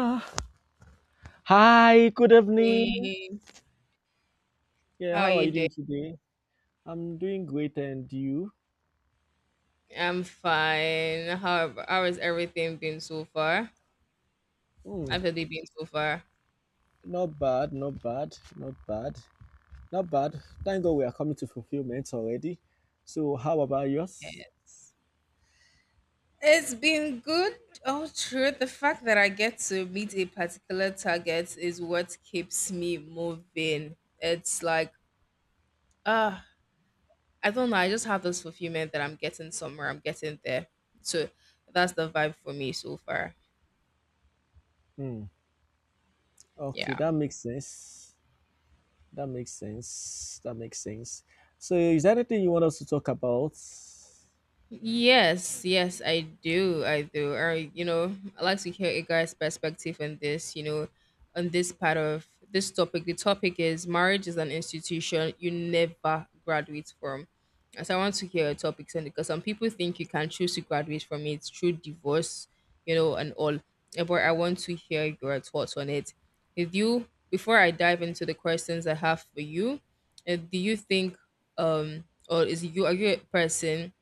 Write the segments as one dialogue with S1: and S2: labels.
S1: Ah, Hi, good evening.
S2: Morning.
S1: Yeah,
S2: How are
S1: how are
S2: you
S1: you doing
S2: doing?
S1: today? I'm doing great, and you?
S2: I'm fine. How has everything been so far?
S1: Hmm,
S2: How's it been so far?
S1: Not bad, not bad, not bad, not bad. Thank God we are coming to fulfillment already. So, how about yours?
S2: Yes. It's been good. Oh, true. The fact that I get to meet a particular target is what keeps me moving. It's like, ah, I don't know. I just have this fulfillment that I'm getting somewhere. I'm getting there. So that's the vibe for me so far.
S1: Hmm, okay,
S2: Yeah.
S1: that makes sense. That makes sense. That makes sense. So, is there anything you want us to talk about?
S2: Yes, yes, I do. I do. I, you know, I like to hear a guy's perspective on this, you know, on this part of this topic. The topic is marriage is an institution you never graduate from. And so I want to hear your topics on it because some people think you can choose to graduate from it through divorce, you know, and all. But I want to hear your thoughts on it. If you, before I dive into the questions I have for you, do you think, um, or is you are you a person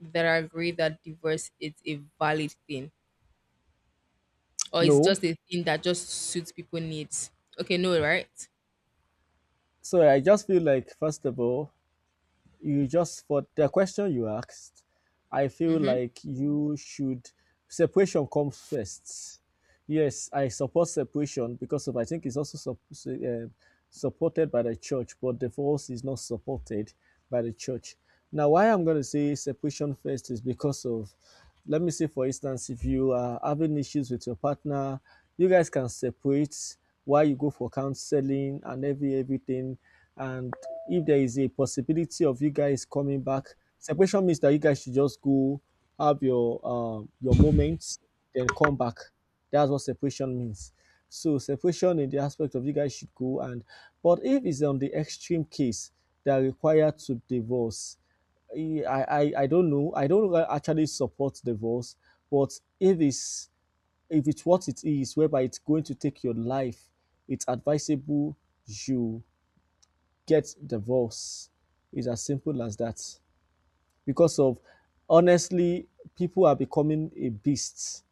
S2: that agree that divorce is a valid thing or it's
S1: No.
S2: just a thing that just suits people needs. Okay, no, right?
S1: So, I just feel like, first of all, you just for the question you asked, I feel
S2: Mm-hmm.
S1: like you should, separation comes first. Yes, I support separation because of, I think it's also supported by the church, but divorce is not supported by the church. Now why I'm going to say separation first is because of, let me say for instance, if you are having issues with your partner, you guys can separate while you go for counseling and everything. And if there is a possibility of you guys coming back, separation means that you guys should just go, have your moments, then come back. That's what separation means. So separation in the aspect of you guys should go, and but if it's on the extreme case that required to divorce, I don't know. I don't actually support divorce, but if it's what it is, whereby it's going to take your life, it's advisable you get divorced. It's as simple as that. Because of, honestly, people are becoming a beast.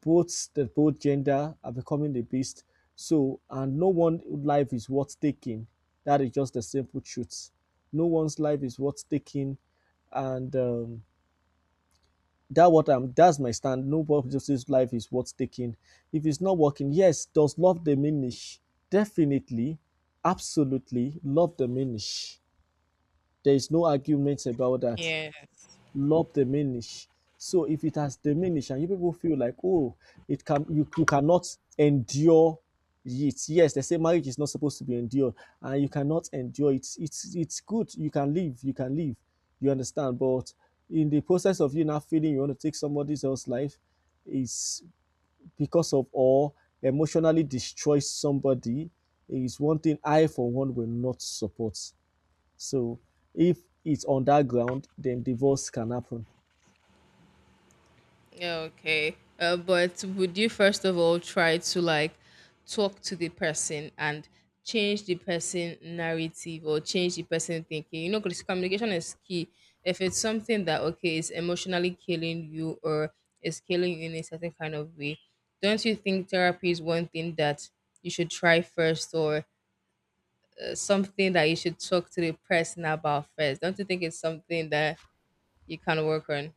S1: Both gender are becoming a beast. So and no one life is worth taking. That is just the simple truth. No one's life is worth taking, and that what I'm that's my stand. Nobody's life is worth taking. If it's not working, yes, does love diminish? Definitely, absolutely, love diminish, there is no argument about that.
S2: Yes.
S1: Love diminish. So if it has diminished and you people feel like, oh, you cannot endure it. Yes, they say marriage is not supposed to be endured, and you cannot endure it. It's good. You can live, you can live. You understand? But in the process of you not feeling you want to take somebody else's life, is because of or emotionally destroy somebody is one thing I for one will not support. So if it's on that ground, then divorce can happen.
S2: Okay. But would you first of all try to like talk to the person and change the person narrative or change the person thinking? You know, because communication is key. If it's something that okay is emotionally killing you or is killing you in a certain kind of way, don't you think therapy is one thing that you should try first or something that you should talk to the person about first? Don't you think it's something that you can work on?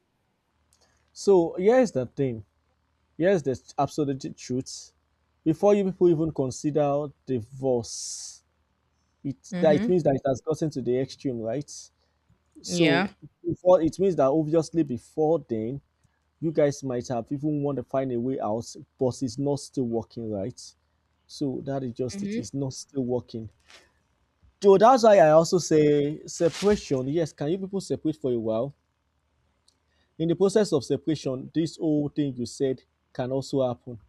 S1: So here's the thing. Here's the absolute truth. Before you people even consider divorce, it
S2: Mm-hmm.
S1: means that it has gotten to the extreme, right?
S2: Yeah.
S1: So before it means that obviously before then, you guys might have even want to find a way out, but it's not still working, right? So that is just it.
S2: Mm-hmm.
S1: It's not still working. So that's why I also say separation. Yes, can you people separate for a while? In the process of separation, this whole thing you said can also happen.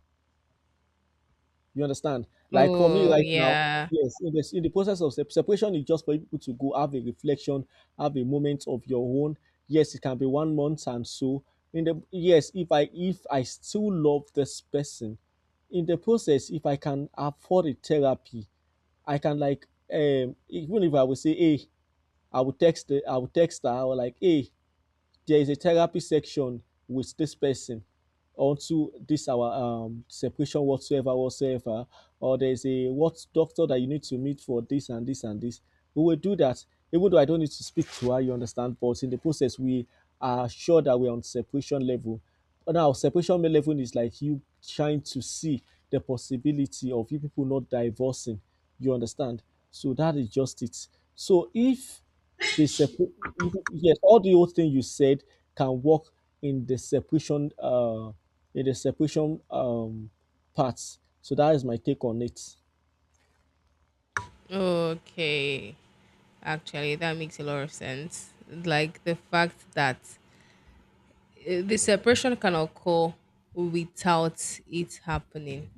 S1: You understand? Like for me
S2: Oh,
S1: right now,
S2: yeah.
S1: yes, in the process of separation is just for people to go have a reflection, have a moment of your own. Yes, it can be one month and so. In the yes, if I still love this person, in the process, if I can afford a therapy, I can like even if I would say, hey, I would text her, I would like, hey, there is a therapy section with this person onto this our separation whatsoever, or there's a what doctor that you need to meet for this and this and this, we will do that, even though I don't need to speak to her, you understand, but in the process we are sure that we're on separation level. Now separation level is like you trying to see the possibility of you people not divorcing, you understand. So that is just it. So if the sepa- yes, all the old things you said can work in the separation in the separation um parts. So that is my take on it.
S2: Okay. Actually, that makes a lot of sense. Like the fact that the separation can occur without it happening.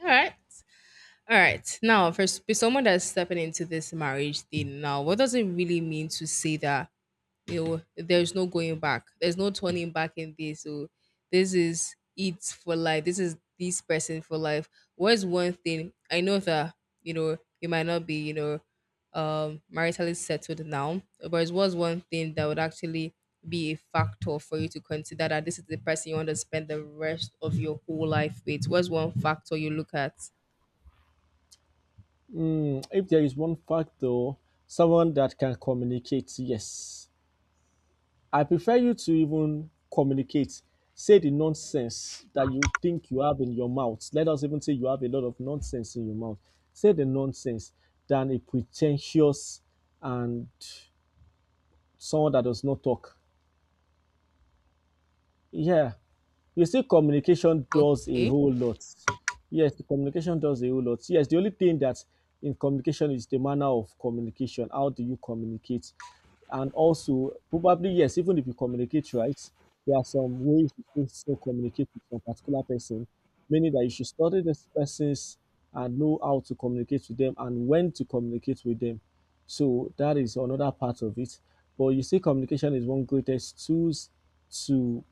S2: All right. All right. Now, for someone that's stepping into this marriage thing now, what does it really mean to say that, you know, there's no going back. There's no turning back in this. So this is it for life. This is this person for life. What is one thing? I know that, you know, you might not be, you know, maritally settled now, but it was one thing that would actually be a factor for you to consider that this is the person you want to spend the rest of your whole life with. What's one factor you look at?
S1: If there is one fact though, someone that can communicate, yes. I prefer you to even communicate. Say the nonsense that you think you have in your mouth. Let us even say you have a lot of nonsense in your mouth. Say the nonsense than a pretentious and someone that does not talk. Yeah. You see, communication does a
S2: Okay.
S1: whole lot. Yes, the communication does a whole lot. Yes, the only thing that in communication is the manner of communication. How do you communicate? And also, probably, yes, even if you communicate right, there are some ways you should still communicate with some particular person, meaning that you should study this person's and know how to communicate with them and when to communicate with them. So that is another part of it. But you see, communication is one greatest tools to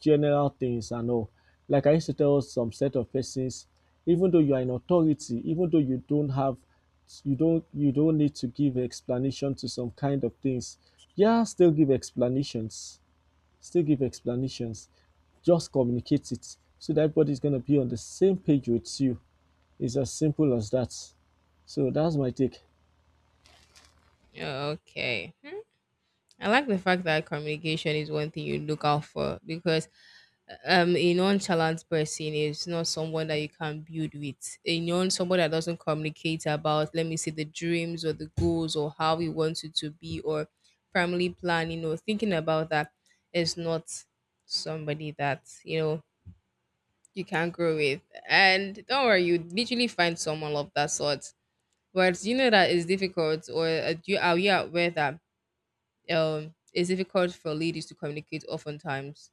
S1: general things and all. Like I used to tell some set of persons, even though you are in authority, even though you don't have you don't need to give explanation to some kind of things. Yeah, still give explanations. Still give explanations. Just communicate it so that everybody's gonna be on the same page with you. It's as simple as that. So that's my take.
S2: Okay. I like the fact that communication is one thing you look out for because a nonchalant person is not someone that you can build with. A non somebody that doesn't communicate about, let me say, the dreams or the goals or how we want it to be or family planning or thinking about that is not somebody that, you know, you can grow with. And don't worry, you literally find someone of that sort. But you know that it's difficult or do you are you aware that it's difficult for ladies to communicate oftentimes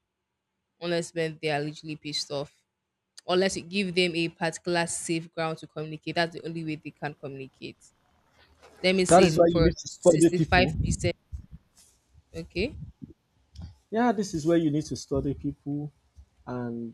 S2: unless when they are literally pissed off, unless you give them a particular safe ground to communicate. That's the only way they can communicate. Let me
S1: That is
S2: say
S1: why you
S2: for
S1: need to study people.
S2: 65%. Okay.
S1: Yeah, this is where you need to study people, and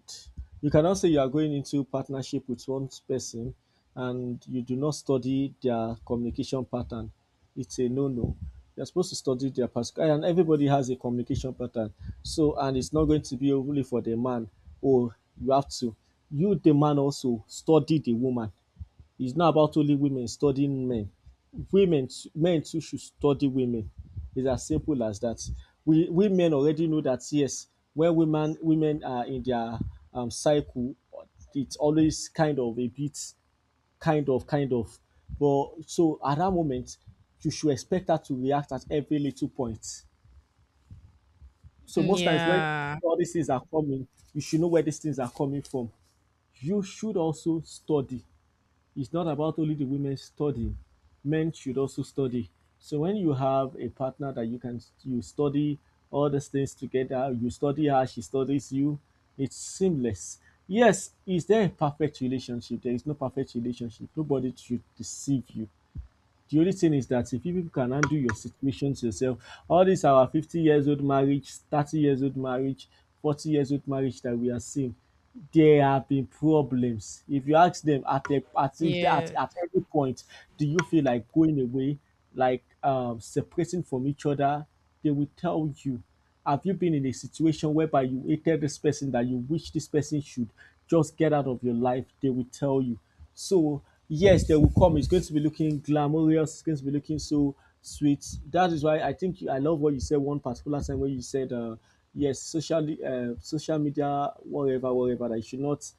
S1: you cannot say you are going into partnership with one person and you do not study their communication pattern. It's a no-no. You're supposed to study their Pascal, and everybody has a communication pattern. So, and it's not going to be only for the man. Oh, you have to. You, the man, also study the woman. It's not about only women studying men. Women too men too should study women. It's as simple as that. We men already know that yes, when women are in their cycle, it's always kind of a bit kind of but so at that moment you should expect her to react at every little point. So most times when
S2: Yeah.
S1: all these things are coming, you should know where these things are coming from. You should also study, it's not about only the women studying. Men should also study. So when you have a partner that you study all these things together, you study her, she studies you, it's seamless. Yes, is there a perfect relationship? There is no perfect relationship. Nobody should deceive you. The only thing is that if you people can undo your situations yourself, all these our 50 years old marriage, 30 years old marriage, 40 years old marriage that we are seeing, there have been problems. If you ask them at a, at,
S2: Yeah.
S1: at every point, do you feel like going away, like separating from each other? They will tell you. Have you been in a situation whereby you hated this person that you wish this person should just get out of your life? They will tell you. So, yes, they will come. It's going to be looking glamorous, it's going to be looking so sweet. That is why I love what you said one particular time when you said, yes, social media, that you should not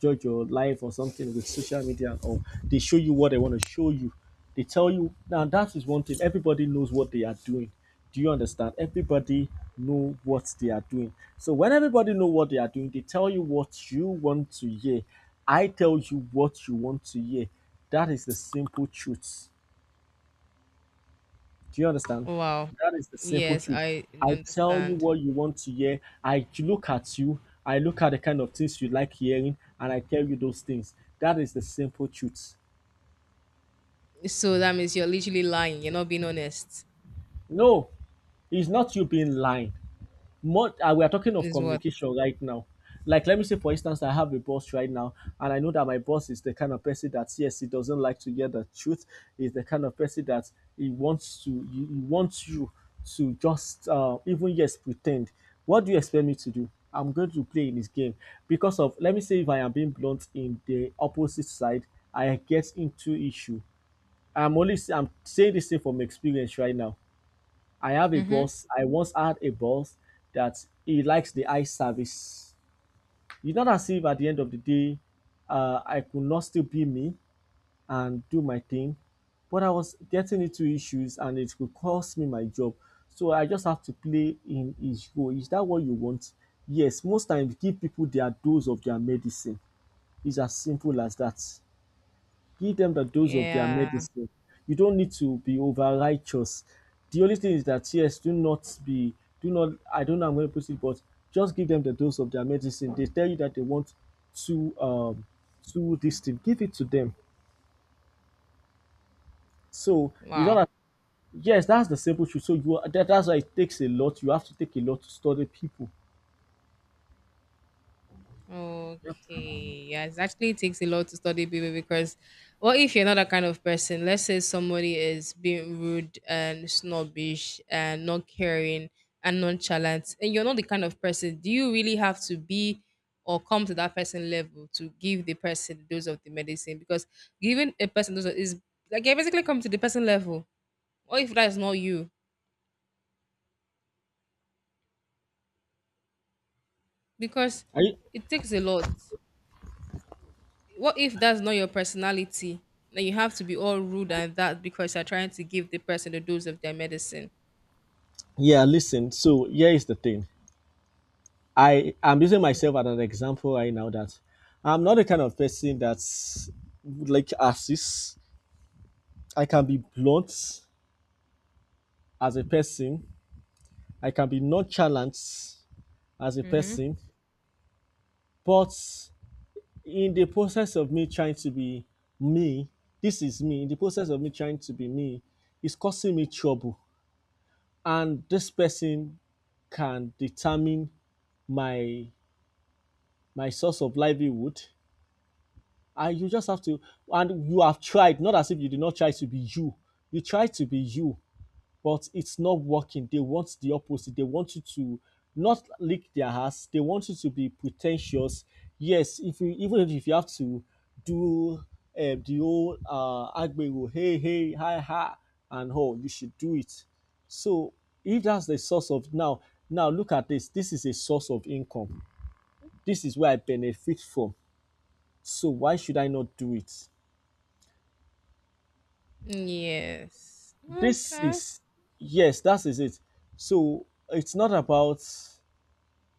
S1: judge your life or something with social media and all. They show you what they want to show you. They tell you, now that is one thing. Everybody knows what they are doing. Do you understand? Everybody know what they are doing. So when everybody know what they are doing, they tell you what you want to hear. I tell you what you want to hear. That is the simple truth. Do you understand?
S2: Wow.
S1: That is the simple
S2: Yes,
S1: truth.
S2: I
S1: I tell you
S2: understand.
S1: what you want to hear. I look at you. I look at the kind of things you like hearing, and I tell you those things. That is the simple truth.
S2: So that means you're literally lying. You're not being honest,
S1: No, it's not you being lying. Much We are talking of
S2: is what.
S1: communication right now. Like let me say for instance, I have a boss right now, and I know that my boss is the kind of person that, yes, he doesn't like to hear the truth. He's the kind of person that he wants you to just even yes pretend. What do you expect me to do? I'm going to play in his game, because of, let me say if I am being blunt in the opposite side, I get into issue. I'm saying this thing from experience right now. I have a
S2: Mm-hmm.
S1: boss. I once had a boss that he likes the eye service. It's not as if at the end of the day, I could not still be me and do my thing, but I was getting into issues and it could cost me my job. So I just have to play in his role. Is that what you want? Yes, most times give people their dose of their medicine. It's as simple as that, give them the dose of their
S2: Yeah.
S1: medicine. You don't need to be over righteous. The only thing is that, yes, do not be, do not, I don't know I'm going to put it, but just give them the dose of their medicine. They tell you that they want to um to this thing, give it to them. So you don't
S2: Wow.
S1: have, yes, that's the simple truth. So you are, that's why it takes a lot. You have to take a lot to study people. Yep.
S2: Okay. Yeah, it actually takes a lot to study people because well, if you're not that kind of person, let's say somebody is being rude and snobbish and not caring and nonchalant, and you're not the kind of person, do you really have to be or come to that person level to give the person dose of the medicine? Because giving a person dose of- is like you basically come to the person level. Or if that's not you, because
S1: Are you,
S2: it takes a lot. What if that's not your personality? Then you have to be all rude and that because you're trying to give the person the dose of their medicine.
S1: yeah, listen. So here is the thing. I am using myself as an example right now that I'm not the kind of person that would like to assist. I can be blunt as a person. I can be nonchalant as a
S2: Mm-hmm.
S1: person. But in the process of me trying to be me, this is me. In the process of me trying to be me, it's causing me trouble. And this person can determine my my source of livelihood, and you just have to, and you have tried, not as if you did not try to be you. You try to be you, but it's not working. They want the opposite. They want you to not lick their ass. They want you to be pretentious. Yes, if you, even if you have to do the old agbero hey hey hi ha and all, you should do it. So if that's the source of, now look at this is a source of income. This is where I benefit from, so why should I not do it?
S2: Yes.
S1: This
S2: Okay.
S1: is, yes, that is it. So it's not about,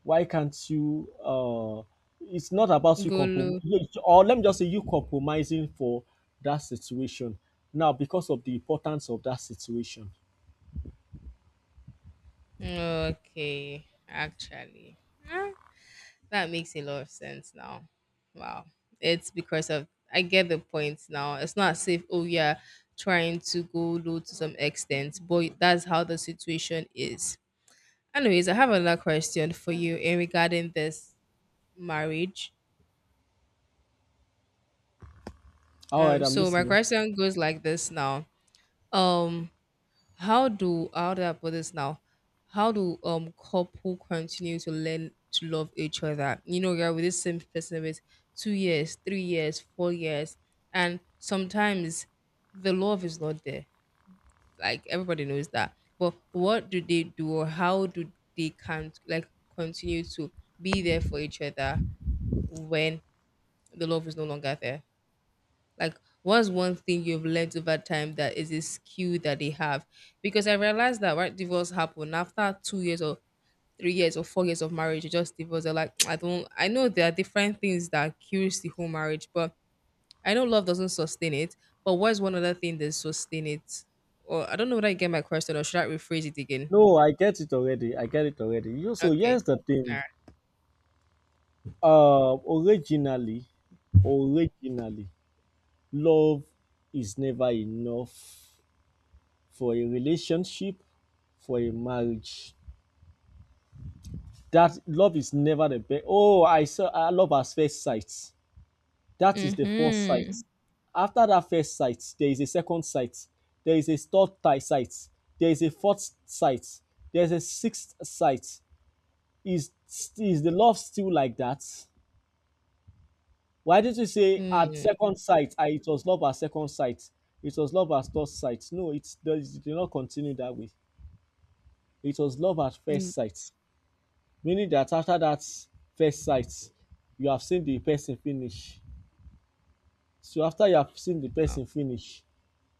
S1: why can't you it's not about you
S2: Golo.
S1: compromise, or let me just say you compromising for that situation now because of the importance of that situation.
S2: Okay. Actually, huh? That makes a lot of sense now. Wow. It's because of, I get the point now. It's not safe. Oh, yeah. Trying to go low to some extent, but that's how the situation is. Anyways, I have another question for you in regarding this marriage.
S1: All right, I'm
S2: So my
S1: listening.
S2: question goes like this now. Um, how do I put this now? How do couple continue to learn to love each other? You know, you're with the same person with 2 years, 3 years, 4 years, and sometimes the love is not there. Like everybody knows that. But what do they do or how do they can like continue to be there for each other when the love is no longer there? Like, what's one thing you've learned over time that is a skill that they have? Because I realized that when divorce happen after 2 years or 3 years or 4 years of marriage, you just divorce. They're like, I don't, I know there are different things that kills the whole marriage, but I know love doesn't sustain it. But what's one other thing that sustain it? Or I don't know whether I get my question or should I rephrase it again?
S1: No, I get it already. I get it already. You know, so
S2: Okay.
S1: here's the
S2: All
S1: thing.
S2: right.
S1: Originally, originally love is never enough for a relationship, for a marriage. That love is never the best. Oh, I love at first sight. That is the first sight.
S2: Mm-hmm.
S1: After that first sight, there is a second sight. There is a third sight. There is a fourth sight. There is a sixth sight. Is is the love still like that? Why did you say at
S2: Mm.
S1: second sight? It was love at second sight. It was love at first sight. No, it did not continue that way. It was love at first
S2: Mm.
S1: sight, meaning that after that first sight you have seen the person finish. So after you have seen the
S2: Oh.
S1: person finish,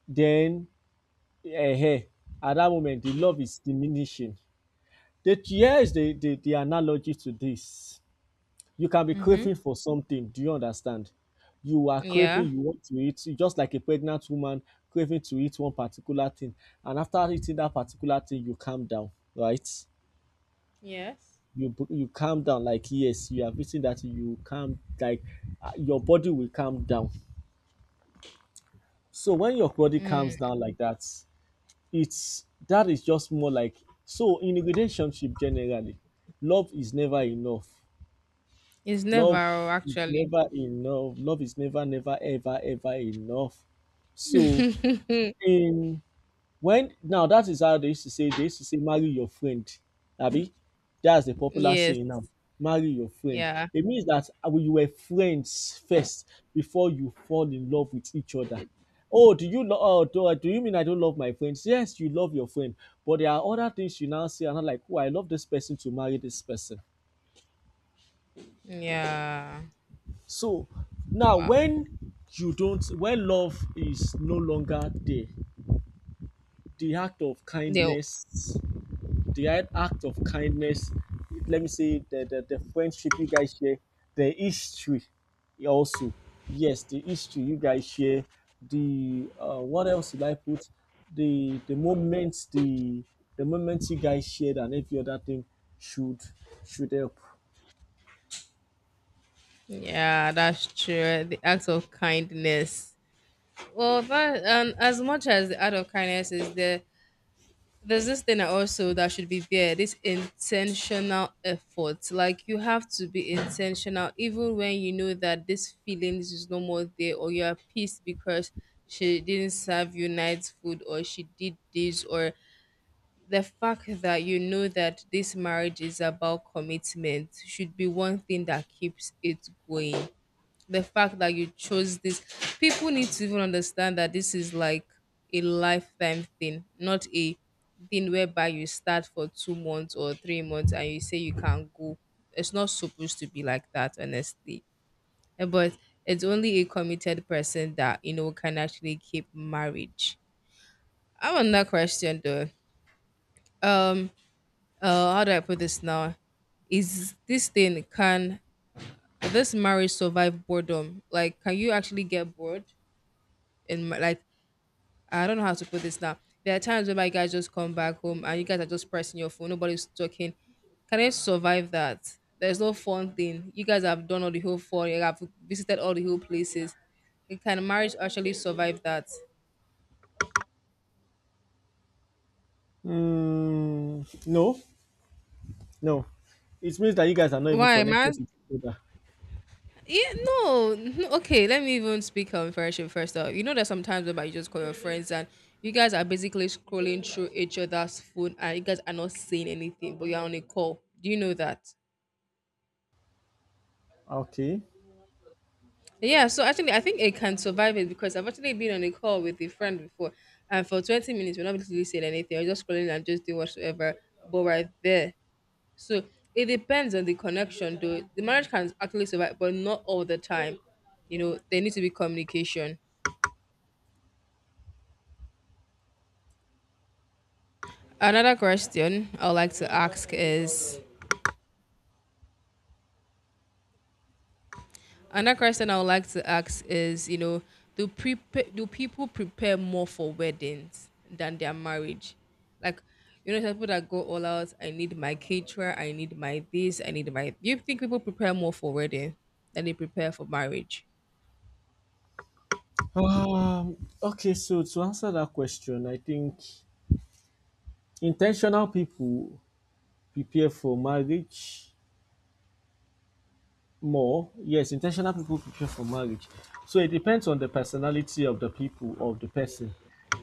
S1: then um at that moment the love is diminishing. The here is the analogy to this. You can be
S2: Mm-hmm.
S1: craving for something, do you understand? You are craving,
S2: Yeah.
S1: you want to eat, just like a pregnant woman craving to eat one particular thing. And after eating that particular thing, you calm down, right?
S2: Yes.
S1: You calm down like, yes, you have eaten that thing, you calm, like, your body will calm down. So when your body calms
S2: Mm.
S1: down like that, it's that is just more like, so in a relationship generally, love is never enough.
S2: It's never,
S1: Love
S2: oh,
S1: is
S2: actually.
S1: never enough. Love is never, never, ever, ever enough. So in When now, that is how they used to say, marry your friend, abi? That's the popular
S2: Yes.
S1: saying now. Marry your friend.
S2: Yeah.
S1: It means that, you were friends first before you fall in love with each other. Oh, do you love? Oh, do you mean I don't love my friends? Yes, you love your friend, but there are other things you now say, and I'm like, oh, I love this person, to marry this person.
S2: Yeah.
S1: So now,
S2: Wow.
S1: when you don't, when love is no longer there, the act of
S2: They,
S1: kindness, the act of kindness, let me say, the friendship you guys share, the history also. Yes, the history you guys share, the, what else did I put? The moments, the moments you guys shared, and every other thing should should help.
S2: yeah, that's true. The act of kindness. Well, that and as much as the act of kindness is there, there's this thing also that should be there. This intentional effort. Like you have to be intentional, even when you know that this feelings is no more there, or you are pissed because she didn't serve you night food, or she did this, or the fact that you know that this marriage is about commitment should be one thing that keeps it going. The fact that you chose this, people need to even understand that this is like a lifetime thing, not a thing whereby you start for 2 months or 3 months and you say you can't go. It's not supposed to be like that, honestly. But it's only a committed person that you know can actually keep marriage. I have another question though. Um, how do I put this now? Is this thing can this marriage survive boredom? Like, can you actually get bored? And like, I don't know how to put this now. There are times when my guys just come back home and you guys are just pressing your phone, nobody's talking. Can I survive that? There's no fun thing. You guys have done all the whole fun. You have visited all the whole places. Can marriage actually survive that?
S1: Mm, no, no. It means that you guys are not even
S2: Why,
S1: connected
S2: man?
S1: with each other.
S2: Yeah, no. No, okay, let me even speak on friendship first. Though. You know that sometimes whereby you just call your friends and you guys are basically scrolling through each other's phone and you guys are not saying anything, but you're on a call. Do you know that?
S1: Okay.
S2: Yeah, so actually I think it can survive it because I've actually been on a call with a friend before and for 20 minutes we're not really saying anything, we're just scrolling and just doing whatsoever, but right there. So it depends on the connection though. The marriage can actually survive, but not all the time. You know, there needs to be communication. Another question I would like to ask is another question I would like to ask is, you know, do people prepare more for weddings than their marriage? Like, you know, some people that go all out. I need my caterer. I need my this. I need my. Do you think people prepare more for wedding than they prepare for marriage?
S1: Um, okay, so to answer that question, I think intentional people prepare for marriage more. Yes, intentional people prepare for marriage. So it depends on the personality of the people of the person,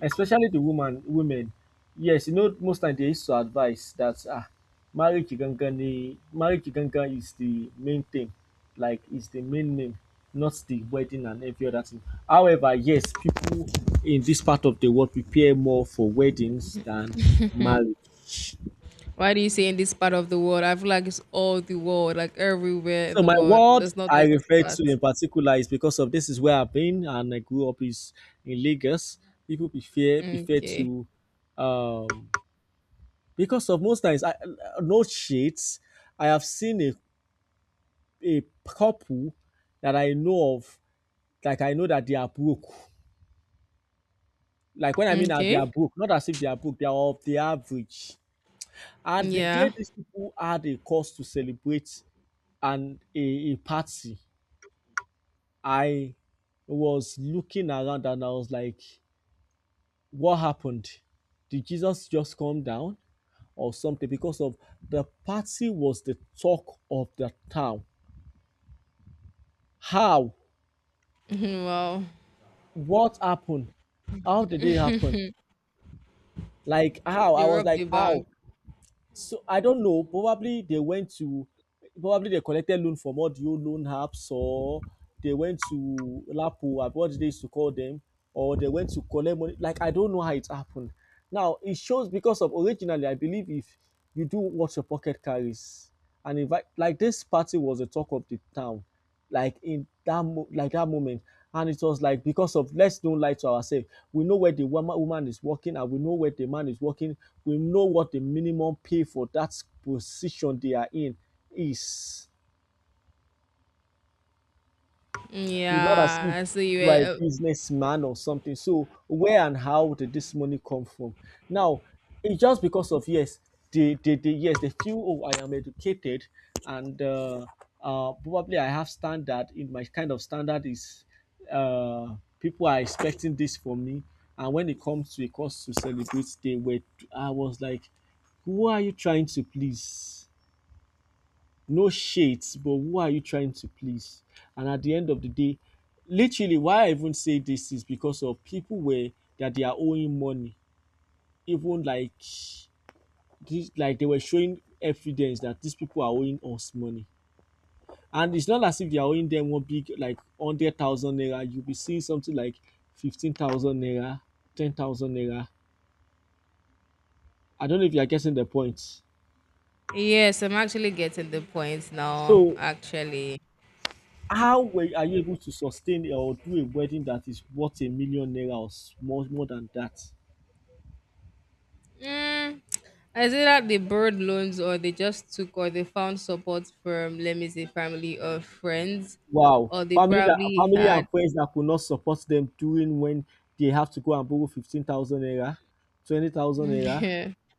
S1: especially the woman women. Yes, you know, most time they used to advise that, marriage gangan, the marriage gangan is the main thing, like it's the main name, not the wedding and every other thing. However, yes, people in this part of the world prepare more for weddings than marriage.
S2: Why do you say in this part of the world? I feel like it's all the world, like everywhere in
S1: So
S2: the
S1: my
S2: world.
S1: world
S2: There's not
S1: I
S2: just this
S1: refer to
S2: part.
S1: in particular is because of this is where I've been and I grew up is in Lagos. People prefer
S2: Okay.
S1: to, um because of most times I, no shades. I have seen a couple that I know of, like I know that they are broke. Like when I mean that they
S2: Okay.
S1: are broke, not as if they are broke, they are of the average. And the
S2: Yeah.
S1: day these people had a cause to celebrate and a party, I was looking around and I was like, what happened? Did Jesus just come down or something? Because of the party was the talk of the town. How?
S2: Wow.
S1: What happened? How did it happen? Like how? I
S2: They
S1: was
S2: robbed
S1: like,
S2: the
S1: how?
S2: bank.
S1: So I don't know. Probably they collected loan from all the old loan apps, or they went to Lapo, what they used to call them, or they went to collect money. Like I don't know how it happened. Now it shows because of originally I believe, if you do what your pocket carries, and invite, like this party was the talk of the town, like in that moment and it was like, because of let's don't lie to ourselves, we know where the woman is working, and we know where the man is working. We know what the minimum pay for that position they are in is. It's not as if
S2: Yeah, so you
S1: you are a
S2: were.
S1: businessman or something. So where and how did this money come from? Now, it's just because, of yes, they, yes, they feel, oh, I am educated and, probably I have standard. In my kind of standard is, people are expecting this from me. And when it comes to a, comes to celebrate, they were, I was like, who are you trying to please? No shades, but who are you trying to please? And at the end of the day, literally, why I even say this is because of people were, that they are owing money, even like this, like they were showing evidence that these people are owing us money. And it's not as if they are owing them one big, like, 100,000 naira. You'll be seeing something like 15,000 naira, 10,000 naira. I don't know if you are getting the point.
S2: Yes, I'm actually getting the point now.
S1: So
S2: Actually,
S1: how were are you able to sustain or do a wedding that is worth a million naira, or more than that?
S2: mm, is it that they borrowed loans or they just took or they found support from, let me say, family or friends,
S1: Wow.
S2: or they
S1: Family that
S2: probably
S1: family
S2: had.
S1: and friends that could not support them during, when they have to go and borrow 15,000 naira, 20,000 naira.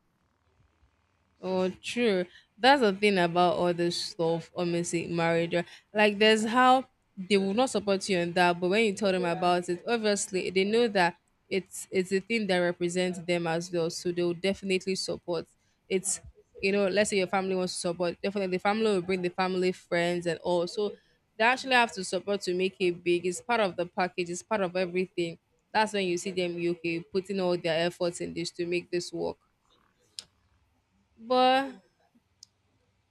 S2: Oh, true. That's the thing about all this stuff on missing marriage. Right? Like, there's how they will not support you on that, but when you tell them about it, obviously they know that it's a thing that represents them as well, so they will definitely support. It's, you know, let's say your family wants to support, definitely the family will bring the family friends and all. So they actually have to support to make it big. It's part of the package. It's part of everything. That's when you see them UK putting all their efforts in this to make this work. But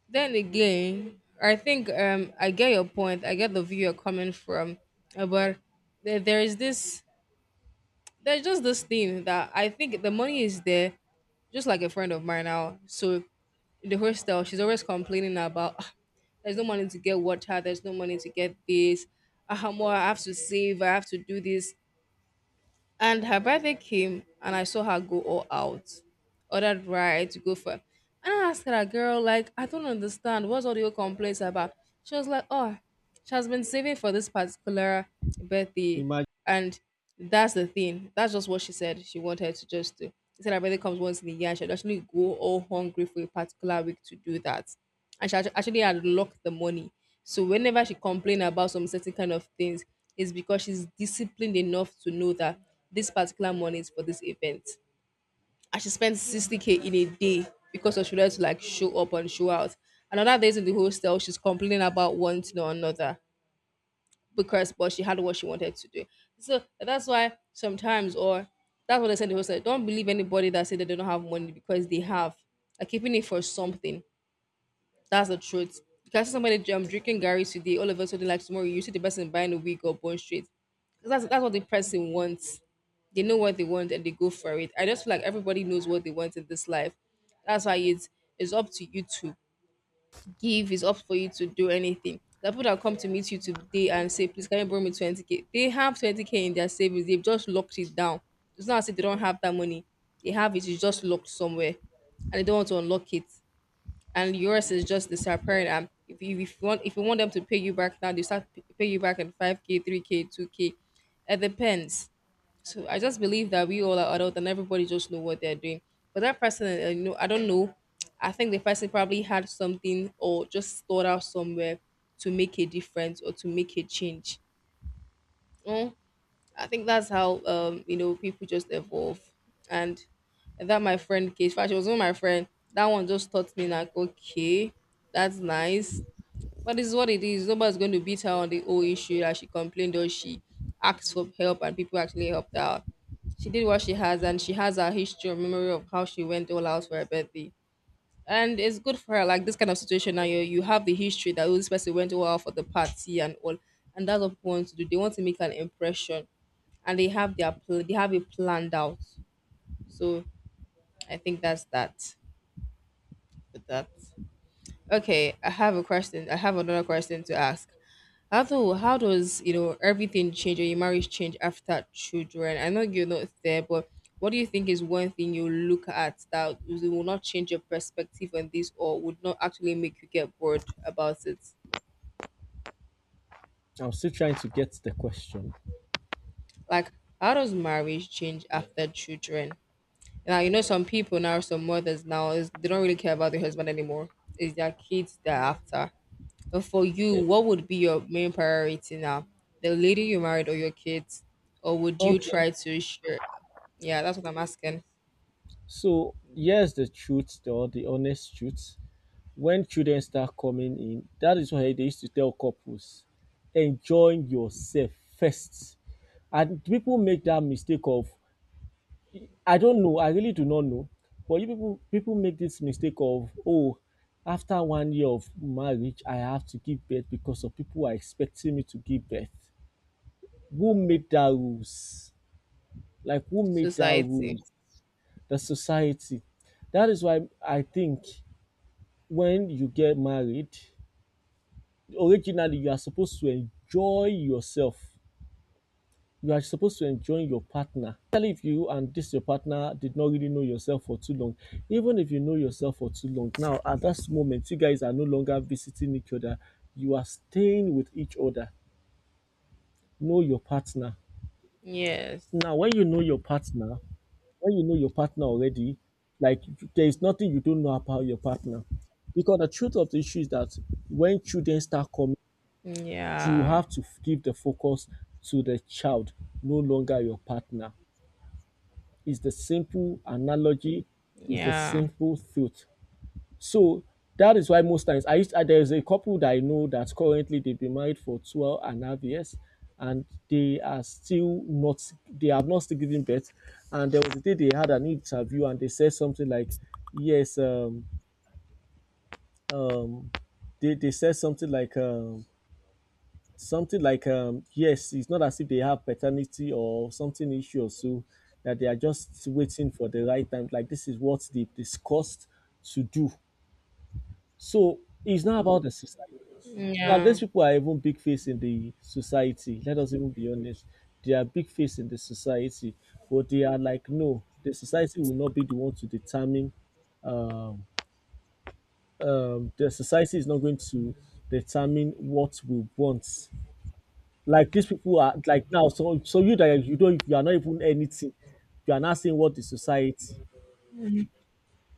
S2: then again, I think I get your point. I get the view you're coming from, but there is this there's just this thing that I think the money is there. Just like a friend of mine now, so in the hostel, she's always complaining about, "Ah, there's no money to get water, there's no money to get this. Ah, more I have to save, I have to do this." And her birthday came, and I saw her go all out or that ride to go for. And I asked her, "Girl, like, I don't understand. What's all your complaints about?" She was like, oh, she has been saving for this particular birthday.
S1: Imagine.
S2: And that's the thing. That's just what she said she wanted to just do. She said her birthday comes once in a year. She'd actually go all hungry for a particular week to do that. And she actually unlocked the money. So whenever she complained about some certain kind of things, it's because she's disciplined enough to know that this particular money is for this event. I should spend 60K in a day because I should have to like show up and show out. And other days in the hostel, she's complaining about one thing or another because but she had what she wanted to do. So that's why sometimes or that's what I said in the hostel. Don't believe anybody that say that they don't have money because they have. Like keeping it for something. That's the truth. Because somebody drinking Gary today, all of a sudden, like tomorrow, you see the person buying a wig or bun straight. 'Cause that's what the person wants. They know what they want and they go for it. I just feel like everybody knows what they want in this life. That's why it's up to you to give, it's up for you to do anything. The people that come to meet you today and say, "Please, can you bring me 20K?" They have 20K in their savings. They've just locked it down. It's not as if they don't have that money. They have it, it's just locked somewhere and they don't want to unlock it, and yours is just the separate. If you want them to pay you back now, they start pay you back at five k, three k, two k. It depends. So I just believe that we all are adult and everybody just know what they're doing. But that person, I don't know. I think the person probably had something or just thought out somewhere to make a difference or to make a change. Mm, I think that's how people just evolve, and that my friend case. In fact, she was not my friend. That one just taught me like, okay, that's nice, but it's what it is. Nobody's going to beat her on the whole issue that she complained or she asked for help, and people actually helped her out. She did what she has, and she has her history or memory of how she went all out for her birthday, and it's good for her. Like this kind of situation now, you have the history that, oh, this person went well for the party and all, and that's what people want to do. They want to make an impression and they have their they have it planned out. So I think that's that. With that, okay, I have a question. I have another question to ask. How does you know everything change, or your marriage change after children? I know you're not there, but what do you think is one thing you look at that will not change your perspective on this or would not actually make you get bored about it?
S1: I'm still trying to get the question.
S2: Like, how does marriage change after children? Now you know, some people now, some mothers now is they don't really care about their husband anymore. It's their kids they're after. But for you,
S1: Eh,
S2: what would be your main priority now? The lady you married or your kids? Or would you
S1: okay.
S2: try to share? Yeah, that's what I'm asking.
S1: So here's the truth, or the honest truth. When children start coming in, that is why they used to tell couples, enjoy yourself first, and people make that mistake of, I don't know, I really do not know, but you people make this mistake of, oh, after 1 year of marriage I have to give birth because of people are expecting me to give birth. Who made that rules? Like who made that
S2: Society.
S1: rules? The society. That is why I think, when you get married, originally you are supposed to enjoy yourself, you are supposed to enjoy your partner. Especially if you and this your partner did not really know yourself for too long. Even if you know yourself for too long, now at that moment, you guys are no longer visiting each other. You are staying with each other. Know your partner.
S2: Yes.
S1: Now, when you know your partner, when you know your partner already, like, there is nothing you don't know about your partner. Because the truth of the issue is that when children start coming, you
S2: Yeah.
S1: have to give the focus to the child, no longer your partner. Is the simple analogy, is the
S2: Yeah.
S1: simple truth. So that is why most times there's a couple that I know that currently they've been married for 12 and a half years, and they are still not, they have not still given birth. And there was a day they had an interview and they said something like, yes, um they said something like, yes, it's not as if they have paternity or something issue or so, that they are just waiting for the right time. Like this is what they discussed to do. So it's not about the society. Now
S2: Yeah.
S1: these people are even big face in the society. Let us even be honest. They are big face in the society, but they are like, no, the society will not be the one to determine, um, the society is not going to determine what we want. Like these people are like, now so you, that you don't, you are not even anything, you are not saying what the society,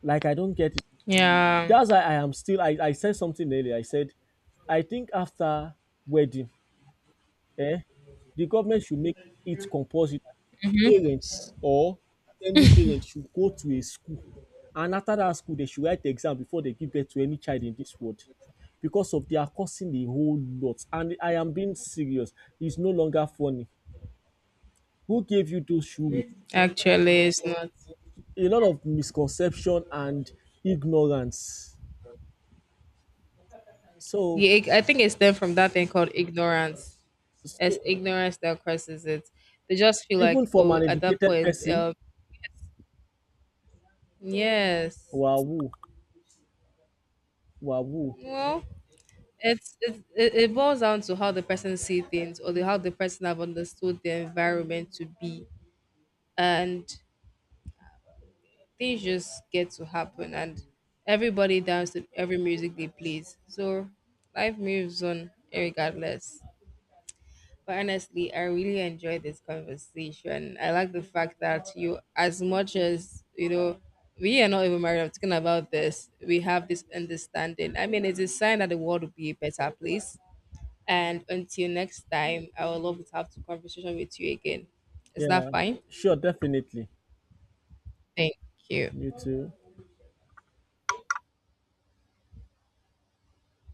S1: like I don't get it.
S2: Yeah.
S1: That's why I am still, I said something earlier, I said I think after wedding, eh the government should make it compulsory that parents, or any parents, should go to a school, and after that school they should write the exam before they give birth to any child in this world, because of they are causing a whole lot, and I am being serious, it's no longer funny. Who gave you those shoes?
S2: Actually, it's not.
S1: A lot of misconception and ignorance. So,
S2: Yeah, it- I think it's stemmed from that thing called ignorance. It's
S1: so,
S2: ignorance that causes it. They just feel
S1: even
S2: like,
S1: from
S2: oh,
S1: an
S2: at that
S1: educated
S2: point,
S1: person,
S2: yes.
S1: wow, wow,
S2: Well, it it boils down to how the person see things, or the, how the person have understood the environment to be, and things just get to happen, and everybody dance to every music they plays. So life moves on regardless. But honestly, I really enjoyed this conversation. I like the fact that you, as much as you know, we are not even married. I'm talking about this. We have this understanding. I mean, it's a sign that the world will be a better place. And until next time, I would love to have the conversation with you again. Is that
S1: yeah,
S2: fine?
S1: sure, definitely.
S2: Thank you.
S1: You too.